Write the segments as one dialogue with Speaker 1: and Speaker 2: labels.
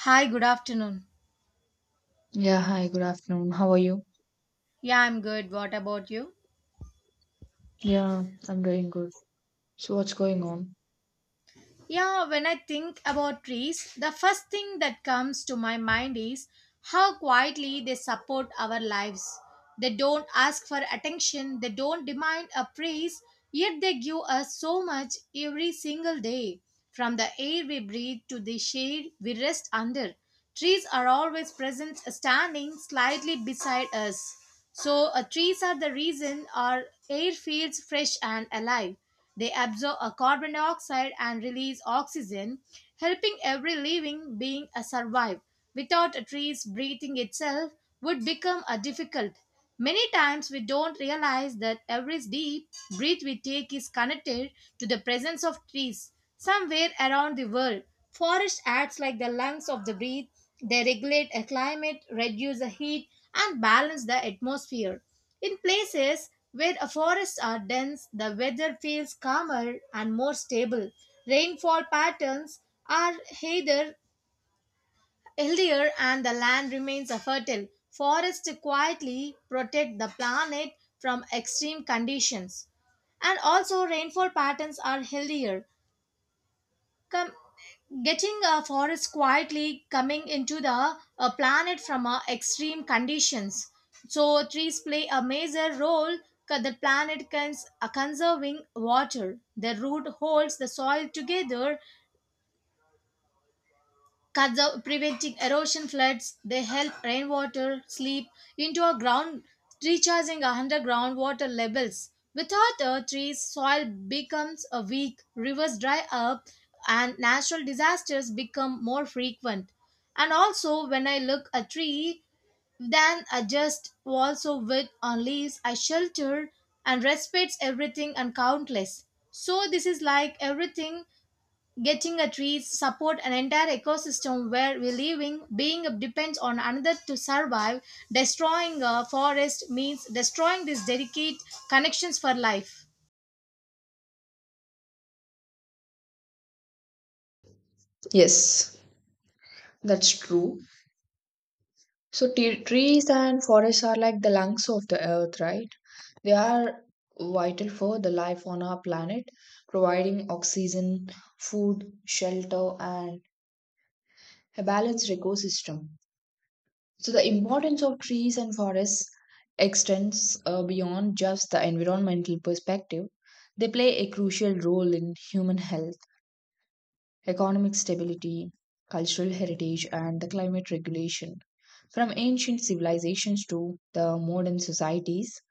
Speaker 1: Hi, good afternoon.
Speaker 2: Yeah, hi, good afternoon. How are you?
Speaker 1: Yeah, I'm good. What about you?
Speaker 2: Yeah, I'm doing good. So, what's going on?
Speaker 1: Yeah, when I think about trees, the first thing that comes to my mind is how quietly they support our lives. They don't ask for attention, they don't demand a praise, yet they give us so much every single day. From the air we breathe to the shade we rest under, trees are always present, standing slightly beside us. Trees are the reason our air feels fresh and alive. They absorb a carbon dioxide and release oxygen, helping every living being a survive. Without a tree's breathing itself would become a difficult. Many times we don't realize that every deep breath we take is connected to the presence of trees somewhere around the world. Forest acts like the lungs of the breath. They regulate a climate, reduce the heat, and balance the atmosphere. In places where forests are dense, the weather feels calmer and more stable. Rainfall patterns are healthier and the land remains fertile. Forests quietly protect the planet from extreme conditions. And also, rainfall patterns are healthier come getting a forest quietly coming into the planet from extreme conditions, so trees play a major role, the planet conserving water. The root holds the soil together. Preventing erosion floods, they help rainwater slip into our ground, recharging our underground water levels. Without a trees, soil becomes a weak, rivers dry up, and natural disasters become more frequent. And also, when I look a tree, then I just also with on leaves, I shelter and respects everything and countless. So this is like everything. Getting a tree support an entire ecosystem where we living being depends on another to survive. Destroying a forest means destroying these delicate connections for life.
Speaker 2: Yes, that's true. So t trees and forests are like the lungs of the earth, right? They are vital for the life on our planet, providing oxygen, food, shelter, and a balanced ecosystem. So the importance of trees and forests extends beyond just the environmental perspective. They play a crucial role in human health economic stability, cultural heritage, and the climate regulation. From ancient civilizations to the modern societies,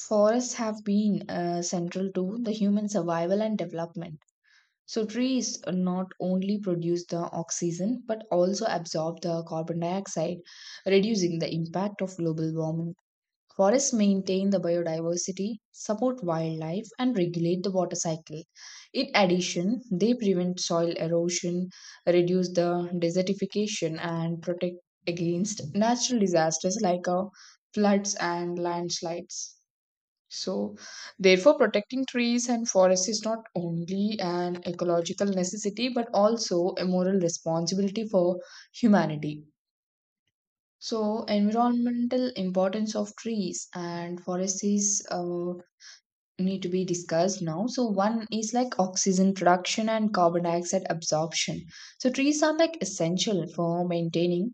Speaker 2: forests have been central to the human survival and development. So, trees not only produce the oxygen but also absorb the carbon dioxide, reducing the impact of global warming. Forests maintain the biodiversity, support wildlife, and regulate the water cycle. In addition, they prevent soil erosion, reduce the desertification, and protect against natural disasters like floods and landslides. So, therefore, protecting trees and forests is not only an ecological necessity but also a moral responsibility for humanity. So environmental importance of trees and forests is need to be discussed now. So one is like oxygen production and carbon dioxide absorption. So trees are like essential for maintaining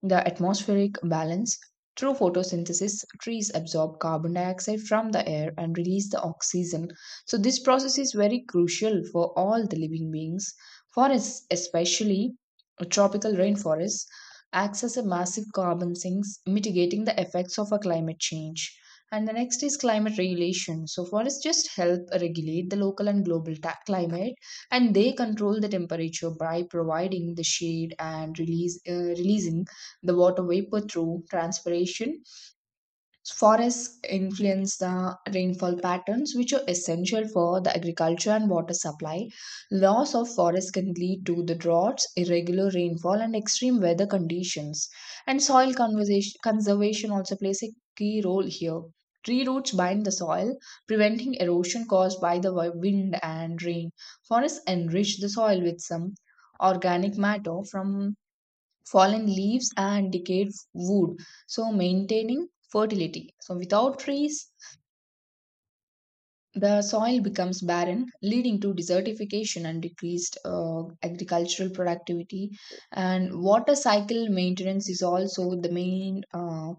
Speaker 2: the atmospheric balance. Through photosynthesis, trees absorb carbon dioxide from the air and release the oxygen. So, this process is very crucial for all the living beings. Forests, especially tropical rainforests, acts as a massive carbon sinks, mitigating the effects of a climate change. And the next is climate regulation. So, forests just help regulate the local and global climate and they control the temperature by providing the shade and release releasing the water vapor through transpiration. Forests influence the rainfall patterns, which are essential for the agriculture and water supply. Loss of forests can lead to the droughts, irregular rainfall, and extreme weather conditions. And conservation also plays a key role here. Tree roots bind the soil, preventing erosion caused by the wind and rain. Forests enrich the soil with some organic matter from fallen leaves and decayed wood so maintaining fertility so without trees the soil becomes barren, leading to desertification and decreased agricultural productivity. And water cycle maintenance is also the main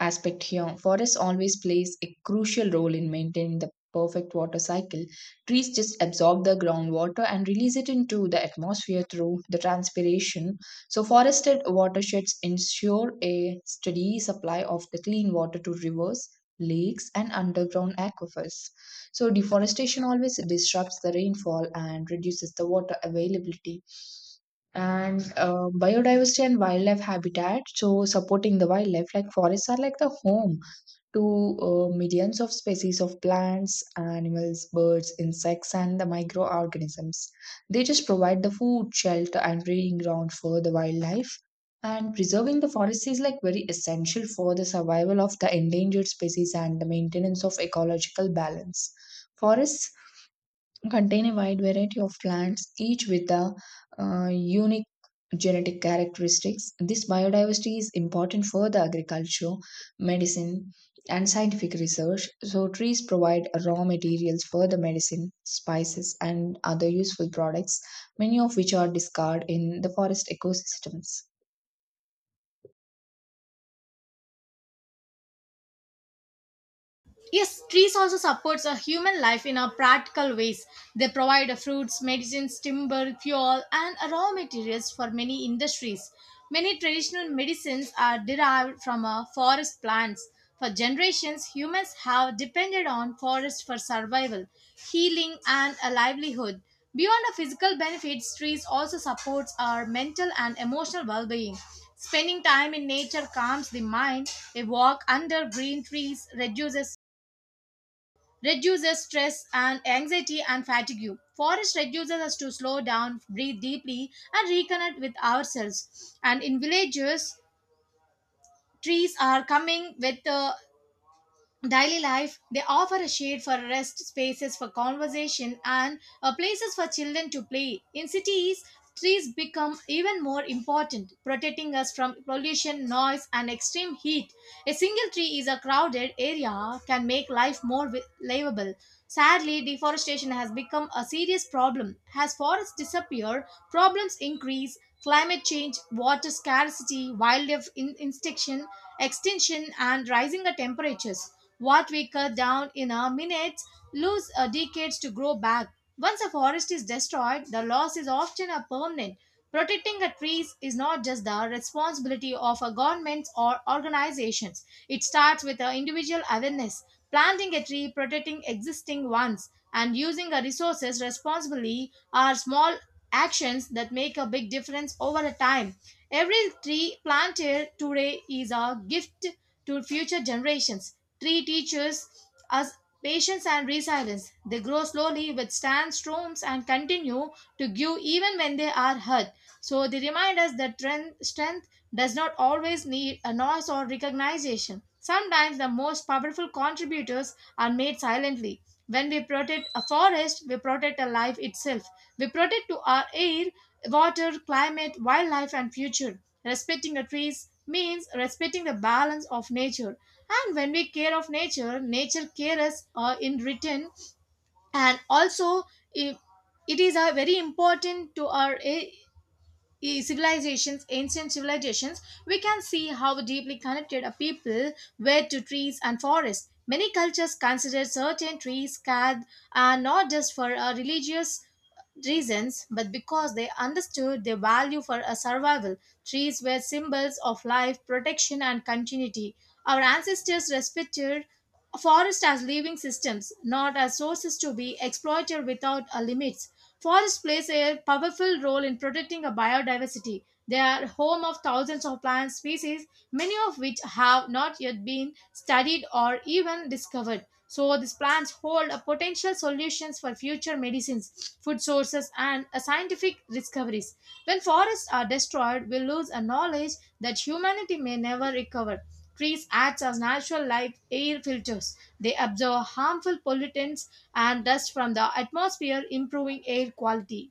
Speaker 2: aspect here. Forest always plays a crucial role in maintaining the perfect water cycle. Trees just absorb the groundwater and release it into the atmosphere through the transpiration. So, forested watersheds ensure a steady supply of the clean water to rivers, lakes, and underground aquifers. So, deforestation always disrupts the rainfall and reduces the water availability. And biodiversity and wildlife habitat, so supporting the wildlife, like forests are like the home to millions of species of plants, animals, birds, insects, and the microorganisms. They just provide the food, shelter, and breeding ground for the wildlife. And preserving the forest is like very essential for the survival of the endangered species and the maintenance of ecological balance. Forests contain a wide variety of plants, each with a unique genetic characteristics. This biodiversity is important for the agriculture, medicine, and scientific research. So, trees provide raw materials for the medicine, spices, and other useful products, many of which are discarded in the forest ecosystems.
Speaker 1: Yes, trees also supports a human life in a practical ways. They provide fruits, medicines, timber, fuel, and raw materials for many industries. Many traditional medicines are derived from forest plants. For generations, humans have depended on forests for survival, healing, and a livelihood. Beyond the physical benefits, trees also supports our mental and emotional well-being. Spending time in nature calms the mind. A walk under green trees reduces stress and anxiety and fatigue. Forest reduces us to slow down, breathe deeply, and reconnect with ourselves. And in villages, trees are coming with daily life. They offer a shade for rest, spaces for conversation, and places for children to play. In cities, trees become even more important, protecting us from pollution, noise, and extreme heat. A single tree is a crowded area can make life more livable. Sadly, deforestation has become a serious problem. As forests disappear, problems increase: climate change, water scarcity, wildlife instinction, extinction, and rising temperatures. What we cut down in a minute lose decades to grow back. Once a forest is destroyed, the loss is often a permanent. Protecting a trees is not just the responsibility of a government or organizations. It starts with a individual awareness. Planting a tree, protecting existing ones, and using the resources responsibly are small actions that make a big difference over a time. Every tree planted today is a gift to future generations. Tree teaches us patience and resilience. They grow slowly, withstand storms, and continue to give even when they are hurt. So they remind us that strength does not always need a noise or recognition. Sometimes the most powerful contributors are made silently. When we protect a forest, we protect a life itself. We protect to our air, water, climate, wildlife, and future. Respecting the trees means respecting the balance of nature. And when we care of nature, nature cares in return. And also, i- it is very important to our civilizations, ancient civilizations. We can see how deeply connected a people were to trees and forests. Many cultures consider certain trees sacred, and not just for religious reasons, but because they understood their value for a survival. Trees were symbols of life, protection, and continuity. Our ancestors respected forests as living systems, not as sources to be exploited without a limits. Forest plays a powerful role in protecting a biodiversity. They are home of thousands of plant species, many of which have not yet been studied or even discovered. So these plants hold a potential solutions for future medicines, food sources, and scientific discoveries. When forests are destroyed, we lose a knowledge that humanity may never recover. Trees act as natural light air filters. They absorb harmful pollutants and dust from the atmosphere, improving air quality.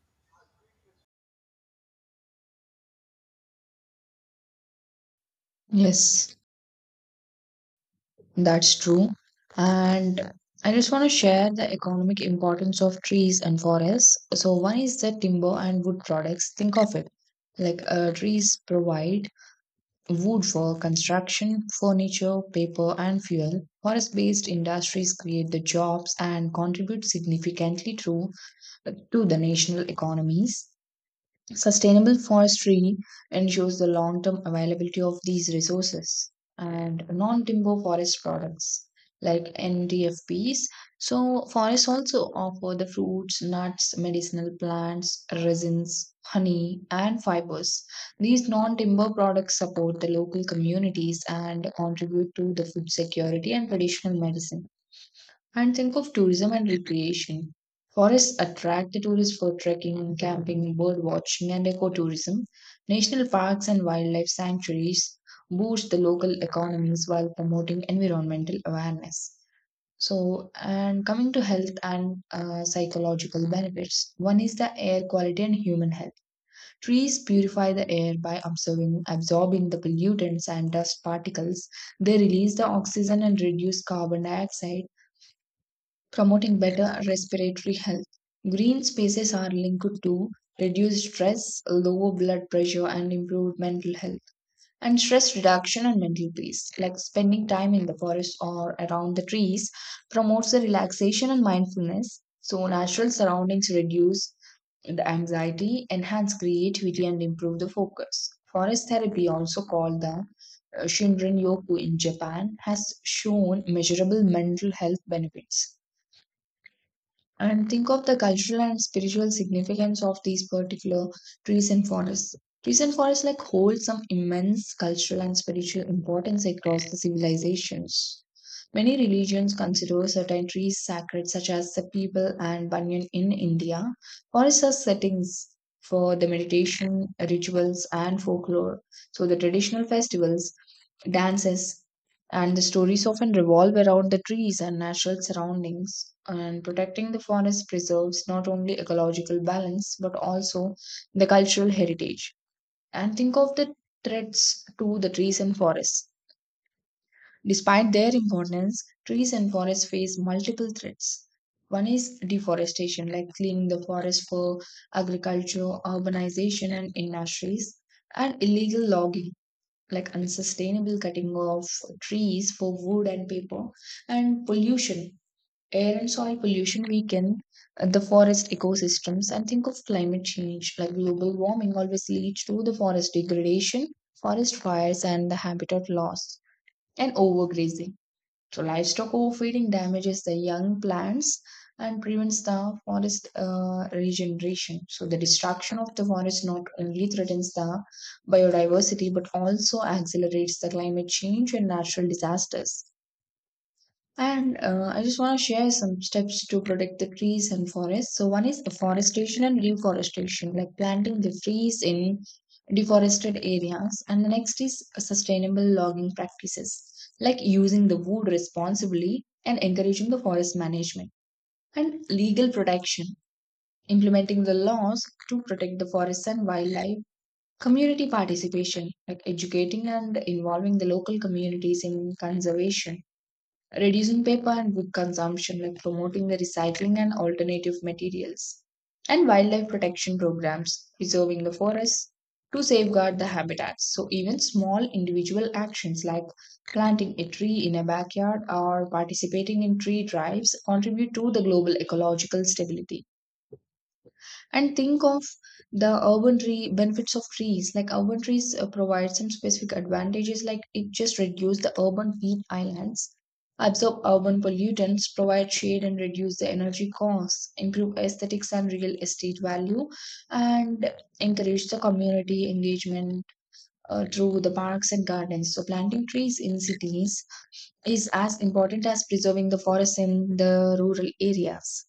Speaker 2: Yes, that's true. And I just want to share the economic importance of trees and forests. So, one is the timber and wood products. Think of it like trees provide wood for construction, furniture, paper, and fuel. Forest based industries create the jobs and contribute significantly to the national economies. Sustainable forestry ensures the long term availability of these resources and non timber forest products like NDFPs. So, forests also offer the fruits, nuts, medicinal plants, resins, honey, and fibers. These non timber products support the local communities and contribute to the food security and traditional medicine. And think of tourism and recreation. Forests attract the tourists for trekking, camping, bird watching, and ecotourism. National parks and wildlife sanctuaries boost the local economies while promoting environmental awareness. So, and coming to health and psychological benefits, one is the air quality and human health. Trees purify the air by absorbing the pollutants and dust particles. They release the oxygen and reduce carbon dioxide promoting better respiratory health. Green spaces are linked to reduced stress, lower blood pressure, and improved mental health, and stress reduction and mental peace. Like spending time in the forest or around the trees promotes the relaxation and mindfulness. So, natural surroundings reduce the anxiety, enhance creativity, and improve the focus. Forest therapy, also called the Shinrin Yoku in Japan, has shown measurable mental health benefits and think of the cultural and spiritual significance of these particular trees and forests. Trees and forests like hold some immense cultural and spiritual importance across the civilizations. Many religions consider certain trees sacred, such as the people and banyan in India. Forests are settings for the meditation, rituals, and folklore. So the traditional festivals dances, and the stories often revolve around the trees and natural surroundings. And protecting the forest preserves not only ecological balance but also the cultural heritage. And think of the threats to the trees and forests. Despite their importance, trees and forests face multiple threats. One is deforestation, like cleaning the forest for agriculture, urbanization, and industries, and illegal logging like unsustainable cutting of trees for wood and paper and pollution air and soil pollution weaken the forest ecosystems and think of climate change like global warming always leads to the forest degradation forest fires and the habitat loss and overgrazing so livestock overfeeding damages the young plants and prevents the forest regeneration. So the destruction of the forest not only threatens the biodiversity but also accelerates the climate change and natural disasters. And I just want to share some steps to protect the trees and forests. So, one is afforestation and reforestation, like planting the trees in deforested areas. And the next is sustainable logging practices, like using the wood responsibly and encouraging the forest management. And legal protection, implementing the laws to protect the forests and wildlife. Community participation, like educating and involving the local communities in conservation reducing paper and wood consumption by promoting the recycling and alternative materials, and wildlife protection programs, preserving the forests to safeguard the habitats. So, even small individual actions like planting a tree in a backyard or participating in tree drives contribute to the global ecological stability and think of the urban tree benefits of trees like urban trees provide some specific advantages like it just reduce the urban heat islands absorb urban pollutants provide shade and reduce the energy costs improve aesthetics and real estate value and encourage the community engagement through the parks and gardens so planting trees in cities is as important as preserving the forests in the rural areas.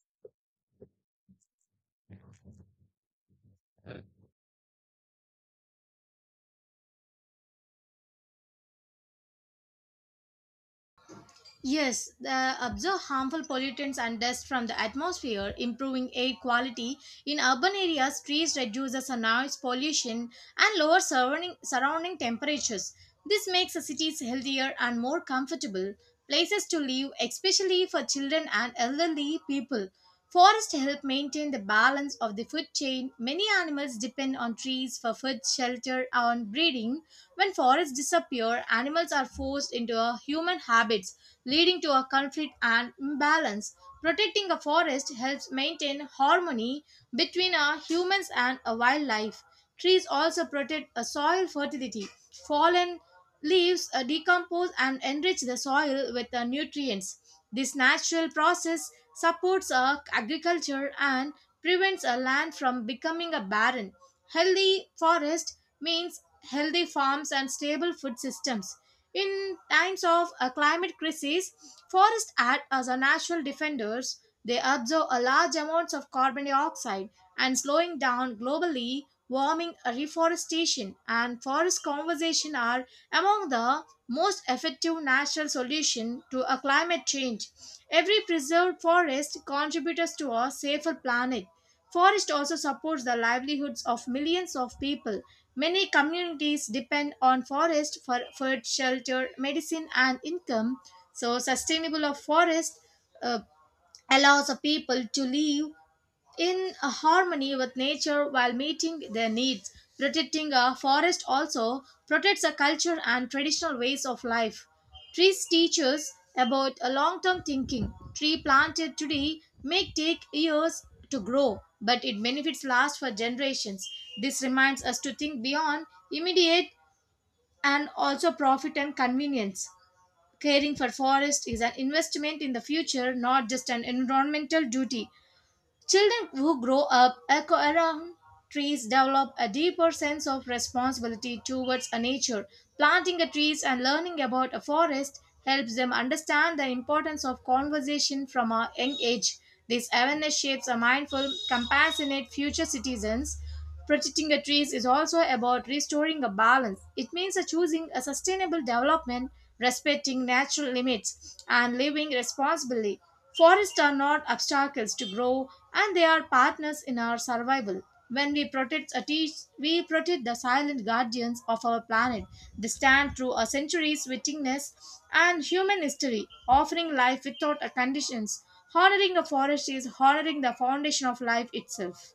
Speaker 1: Yes, observe harmful pollutants and dust from the atmosphere, improving air quality. In urban areas, trees reduce the noise pollution and lower surrounding temperatures. This makes the cities healthier and more comfortable places to live, especially for children and elderly people. Forests help maintain the balance of the food chain. Many animals depend on trees for food, shelter, and breeding. When forests disappear, animals are forced into a human habits, leading to a conflict and imbalance. Protecting a forest helps maintain harmony between our humans and a wildlife. Trees also protect a soil fertility. Fallen leaves decompose and enrich the soil with nutrients. This natural process supports agriculture and prevents a land from becoming a barren. Healthy forest means healthy farms and stable food systems. In times of a climate crisis, forests act as a natural defenders. They absorb a large amounts of carbon dioxide and slowing down globally warming. Reforestation and forest conservation are among the most effective natural solution to a climate change. Every preserved forest contributes to a safer planet. Forest also supports the livelihoods of millions of people. Many communities depend on forest for food, shelter, medicine, and income. So, sustainable of forest uh, allows a people to live in a harmony with nature while meeting their needs. Protecting a forest also protects a culture and traditional ways of life. Trees teach us about a long-term thinking. Tree planted today may take years to grow, but it benefits last for generations. This reminds us to think beyond immediate and also profit and convenience. Caring for forest is an investment in the future, not just an environmental duty. Children who grow up around trees develop a deeper sense of responsibility towards a nature. Planting a trees and learning about a forest helps them understand the importance of conversation from a young age. This awareness shapes a mindful, compassionate future citizens. Protecting the trees is also about restoring a balance. It means choosing a sustainable development, respecting natural limits, and living responsibly. Forests are not obstacles to grow, and they are partners in our survival. When we protect a tree, we protect the silent guardians of our planet. They stand through a centuries witness and human history, offering life without a conditions. Honoring a forest is honoring the foundation of life itself.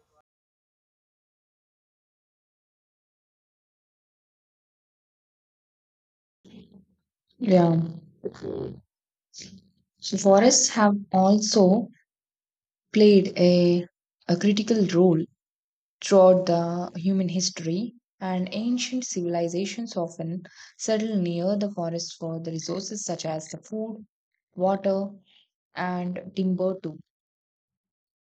Speaker 2: Yeah. So, forests have also played a critical role throughout the human history, and ancient civilizations often settled near the forest for the resources such as the food, water, and timber too.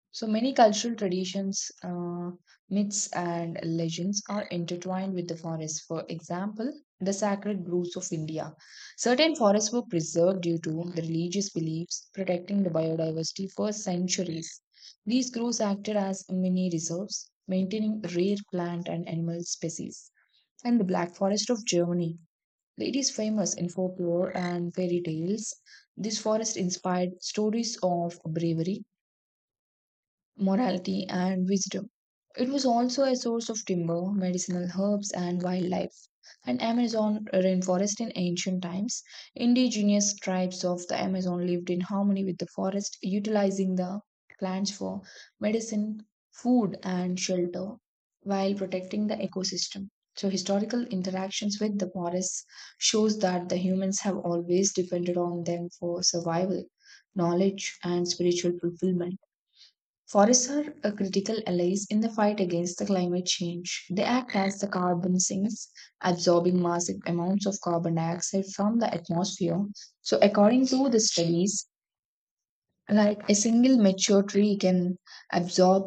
Speaker 2: So many cultural traditions, myths, and legends are intertwined with the forest. For example, the sacred groves of India. Certain forests were preserved due to the religious beliefs protecting the biodiversity for centuries. These groves acted as mini reserves, maintaining rare plant and animal species. And the Black Forest of Germany. It is famous in folklore and fairy tales. This forest inspired stories of bravery morality, and wisdom. It was also a source of timber, medicinal herbs, and wildlife. And Amazon rainforest in ancient times, indigenous tribes of the Amazon lived in harmony with the forest, utilizing the plants for medicine, food, and shelter while protecting the ecosystem. So historical interactions with the forests shows that the humans have always depended on them for survival, knowledge, and spiritual fulfillment. Forests are a critical allies in the fight against the climate change. They act as the carbon sinks, absorbing massive amounts of carbon dioxide from the atmosphere. So, according to the studies, like a single mature tree can absorb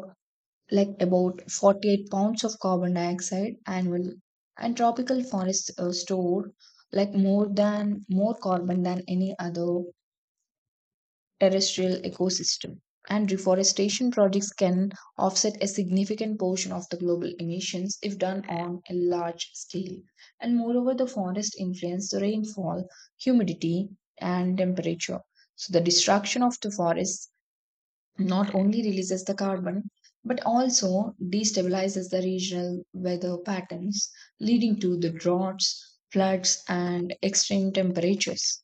Speaker 2: like about 48 pounds of carbon dioxide annually. And tropical forests store like more than more carbon than any other terrestrial ecosystem. And reforestation projects can offset a significant portion of the global emissions if done on a large scale. And moreover, the forest influence the rainfall, humidity, and temperature. So the destruction of the forests not only releases the carbon but also destabilizes the regional weather patterns, leading to the droughts, floods, and extreme temperatures.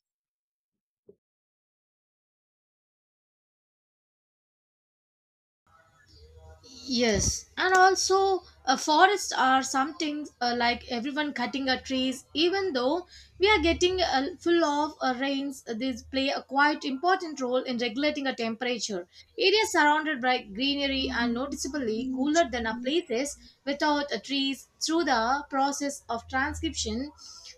Speaker 1: Yes, and also forests are something like everyone cutting a trees. Even though we are getting full of rains, these play a quite important role in regulating a temperature. Areas surrounded by greenery are noticeably cooler than a places without trees through the process of transcription.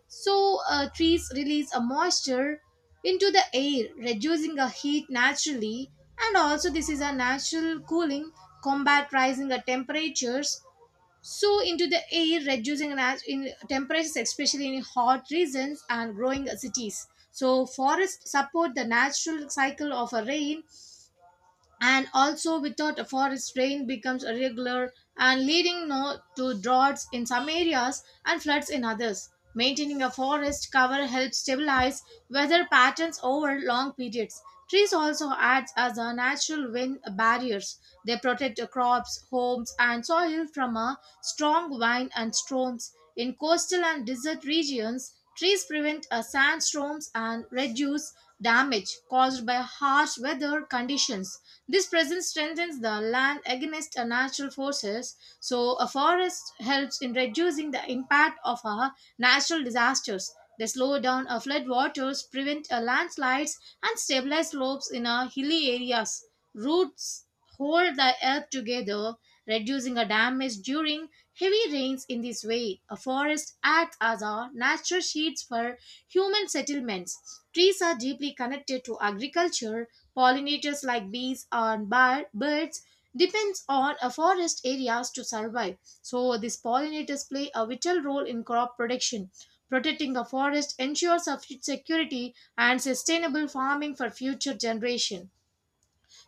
Speaker 1: So trees release a moisture into the air, reducing the heat naturally. And also, this is a natural cooling, combat rising the temperatures. So, into the air, reducing in temperatures, especially in hot regions and growing cities. So, forests support the natural cycle of a rain, and also without a forest rain becomes irregular and leading no, to droughts in some areas and floods in others. Maintaining a forest cover helps stabilize weather patterns over long periods. Trees also act as a natural wind barriers. They protect crops, homes, and soil from a strong wind and storms. In coastal and desert regions, trees prevent sandstorms and reduce damage caused by harsh weather conditions. This presence strengthens the land against natural forces. So a forest helps in reducing the impact of natural disasters. They slow down floodwaters, prevent landslides, and stabilize slopes in hilly areas. Roots hold the earth together, reducing a damage during heavy rains. In this way, a forest acts as a natural shields for human settlements. Trees are deeply connected to agriculture. Pollinators like bees and birds depends on a forest areas to survive. So these pollinators play a vital role in crop production. Protecting a forest ensures a food security and sustainable farming for future generation.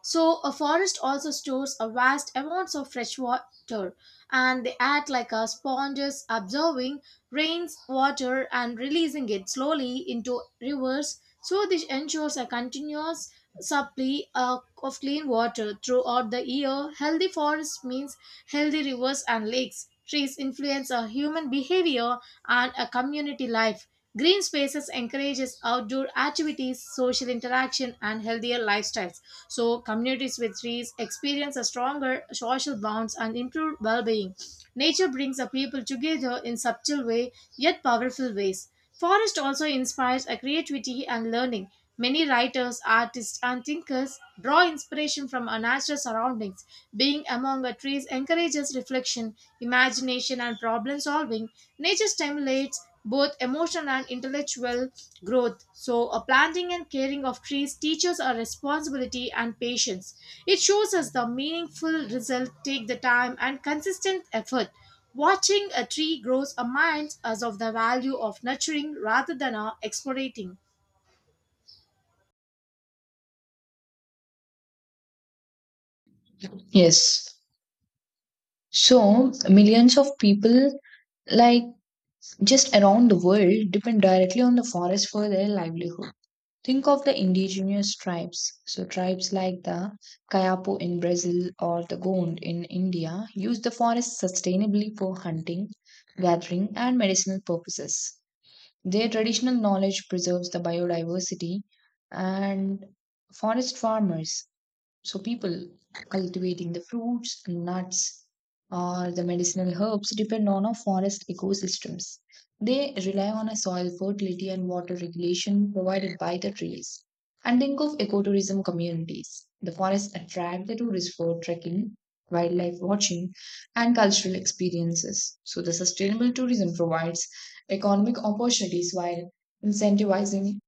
Speaker 1: So a forest also stores a vast amounts of fresh water, and they act like a sponges absorbing rains water and releasing it slowly into rivers. So this ensures a continuous supply of clean water throughout the year. Healthy forests means healthy rivers and lakes. Trees influence a human behavior and a community life. Green spaces encourages outdoor activities, social interaction, and healthier lifestyles. So communities with trees experience a stronger social bonds and improved well-being. Nature brings the people together in subtle way, yet powerful ways. Forest also inspires a creativity and learning. Many writers, artists, and thinkers draw inspiration from our natural surroundings. Being among the trees encourages reflection, imagination, and problem solving. Nature stimulates both emotional and intellectual growth. So, a planting and caring of trees teaches our responsibility and patience. It shows us the meaningful result take the time and consistent effort. Watching a tree grows our minds as of the value of nurturing rather than our exploiting.
Speaker 2: Yes, so, millions of people, like just around the world, depend directly on the forest for their livelihood. Think of the indigenous tribes. So, tribes like the Kayapo in Brazil or the Gond in India use the forest sustainably for hunting, gathering, and medicinal purposes. Their traditional knowledge preserves the biodiversity and forest farmers so people cultivating the fruits, nuts, or the medicinal herbs depend on our forest ecosystems. They rely on a soil fertility and water regulation provided by the trees. And think of ecotourism communities. The forests attract the tourists for trekking, wildlife watching, and cultural experiences. So the sustainable tourism provides economic opportunities while incentivizing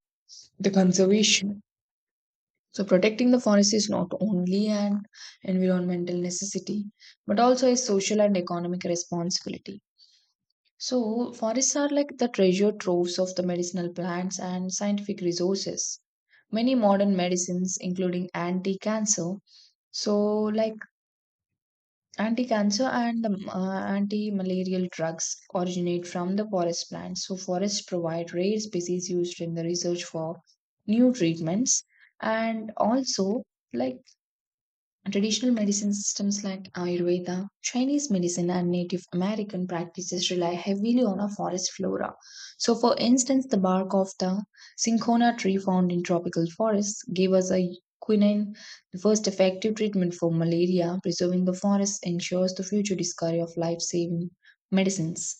Speaker 2: the conservation so, protecting the forest is not only an environmental necessity, but also a social and economic responsibility. So, forests are like the treasure troves of the medicinal plants and scientific resources. Many modern medicines, including anti cancer, so like anti cancer and anti malarial drugs, originate from the forest plants. So, forests provide rare species used in the research for new treatments and also like traditional medicine systems like Ayurveda, Chinese medicine, and Native American practices rely heavily on a forest flora. So, for instance, the bark of the cinchona tree found in tropical forests gave us a quinine, the first effective treatment for malaria. Preserving the forest ensures the future discovery of life saving medicines.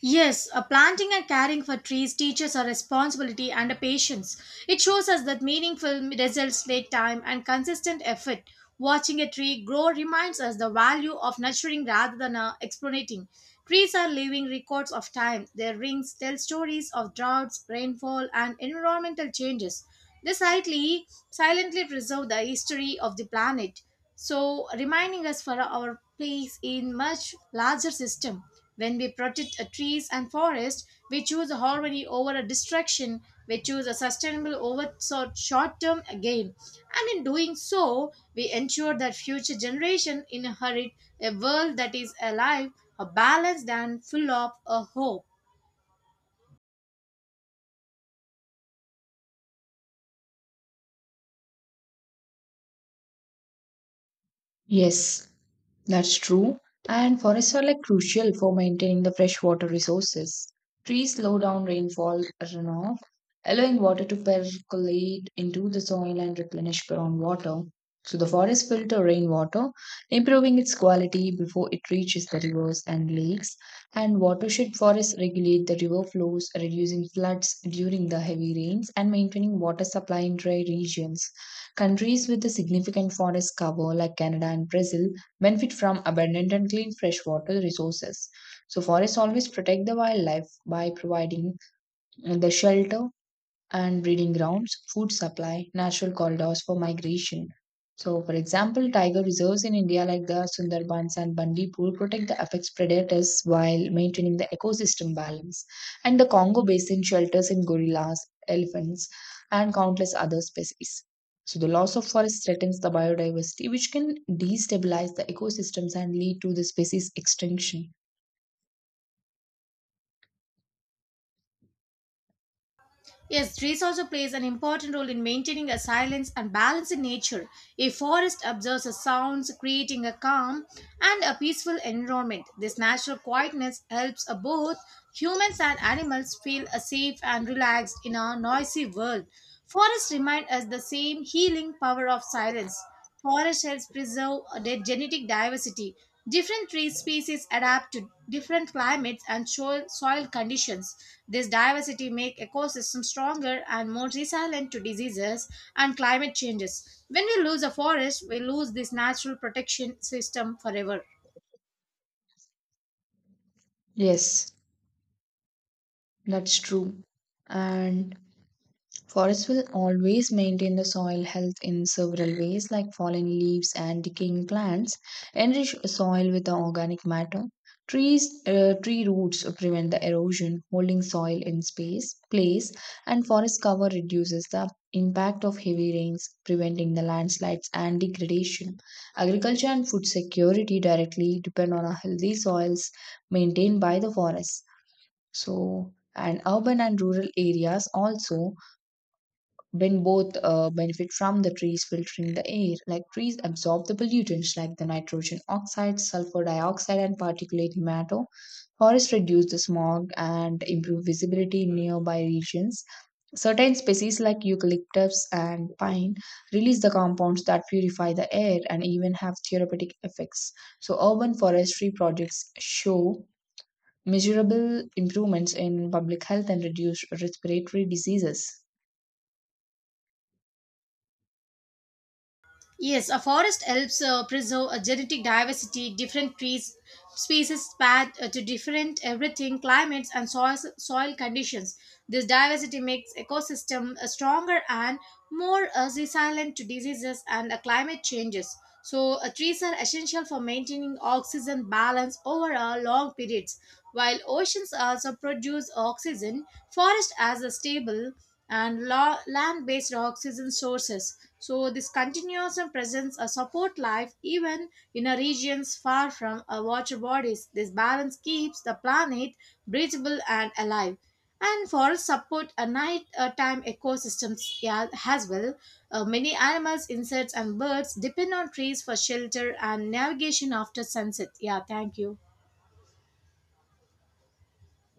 Speaker 1: Yes, a planting and caring for trees teaches a responsibility and a patience. It shows us that meaningful results take time and consistent effort. Watching a tree grow reminds us the value of nurturing rather than exploiting. Trees are living records of time. Their rings tell stories of droughts, rainfall, and environmental changes. They silently preserve the history of the planet, so reminding us for our place in much larger system. When we protect trees and forest, we choose harmony over a distraction. We choose a sustainable over so short term gain, and in doing so we ensure that future generation inherit a world that is alive, a balanced, and full of a hope.
Speaker 2: Yes, that's true. And forests are like crucial for maintaining the freshwater resources. Trees slow down rainfall runoff, allowing water to percolate into the soil and replenish groundwater. So the forests filter rainwater, improving its quality before it reaches the rivers and lakes. And watershed forests regulate the river flows, reducing floods during the heavy rains and maintaining water supply in dry regions. Countries with a significant forest cover, like Canada and Brazil, benefit from abundant and clean freshwater resources. So, forests always protect the wildlife by providing the shelter, and breeding grounds, food supply, natural corridors for migration. So, for example, tiger reserves in India like the Sundarbans and Bandipur protect the apex predators while maintaining the ecosystem balance. And the Congo basin shelters in gorillas, elephants, and countless other species. So, the loss of forest threatens the biodiversity, which can destabilize the ecosystems and lead to the species extinction.
Speaker 1: Yes, trees also plays an important role in maintaining a silence and balance in nature. A forest absorbs the sounds, creating a calm and a peaceful environment. This natural quietness helps both humans and animals feel safe and relaxed in our noisy world. Forests remind us the same healing power of silence. Forest helps preserve their genetic diversity. Different tree species adapt to different climates and soil conditions. This diversity makes ecosystems stronger and more resilient to diseases and climate changes. When we lose a forest, we lose this natural protection system forever.
Speaker 2: Yes, that's true. And forests will always maintain the soil health in several ways, like fallen leaves and decaying plants enrich soil with the organic matter. Tree roots prevent the erosion, holding soil in place, and forest cover reduces the impact of heavy rains, preventing the landslides and degradation. Agriculture and food security directly depend on a healthy soils maintained by the forests. So, and urban and rural areas also when both benefit from the trees filtering the air like trees absorb the pollutants like the nitrogen oxide sulfur dioxide and particulate matter forests reduce the smog and improve visibility in nearby regions certain species like eucalyptus and pine release the compounds that purify the air and even have therapeutic effects so urban forestry projects show measurable improvements in public health and reduced respiratory diseases
Speaker 1: Yes, a forest helps preserve a genetic diversity. Different trees, species path to different everything, climates and soil conditions. This diversity makes ecosystem stronger and more resilient to diseases and climate changes. So, trees are essential for maintaining oxygen balance over a long periods. While oceans also produce oxygen, forest as a stable and land-based oxygen sources. So, this continuous and presence support life even in a regions far from water bodies. This balance keeps the planet breathable and alive, and forests support a night time ecosystems, yeah, as well. Many animals, insects, and birds depend on trees for shelter and navigation after sunset. Yeah, thank you.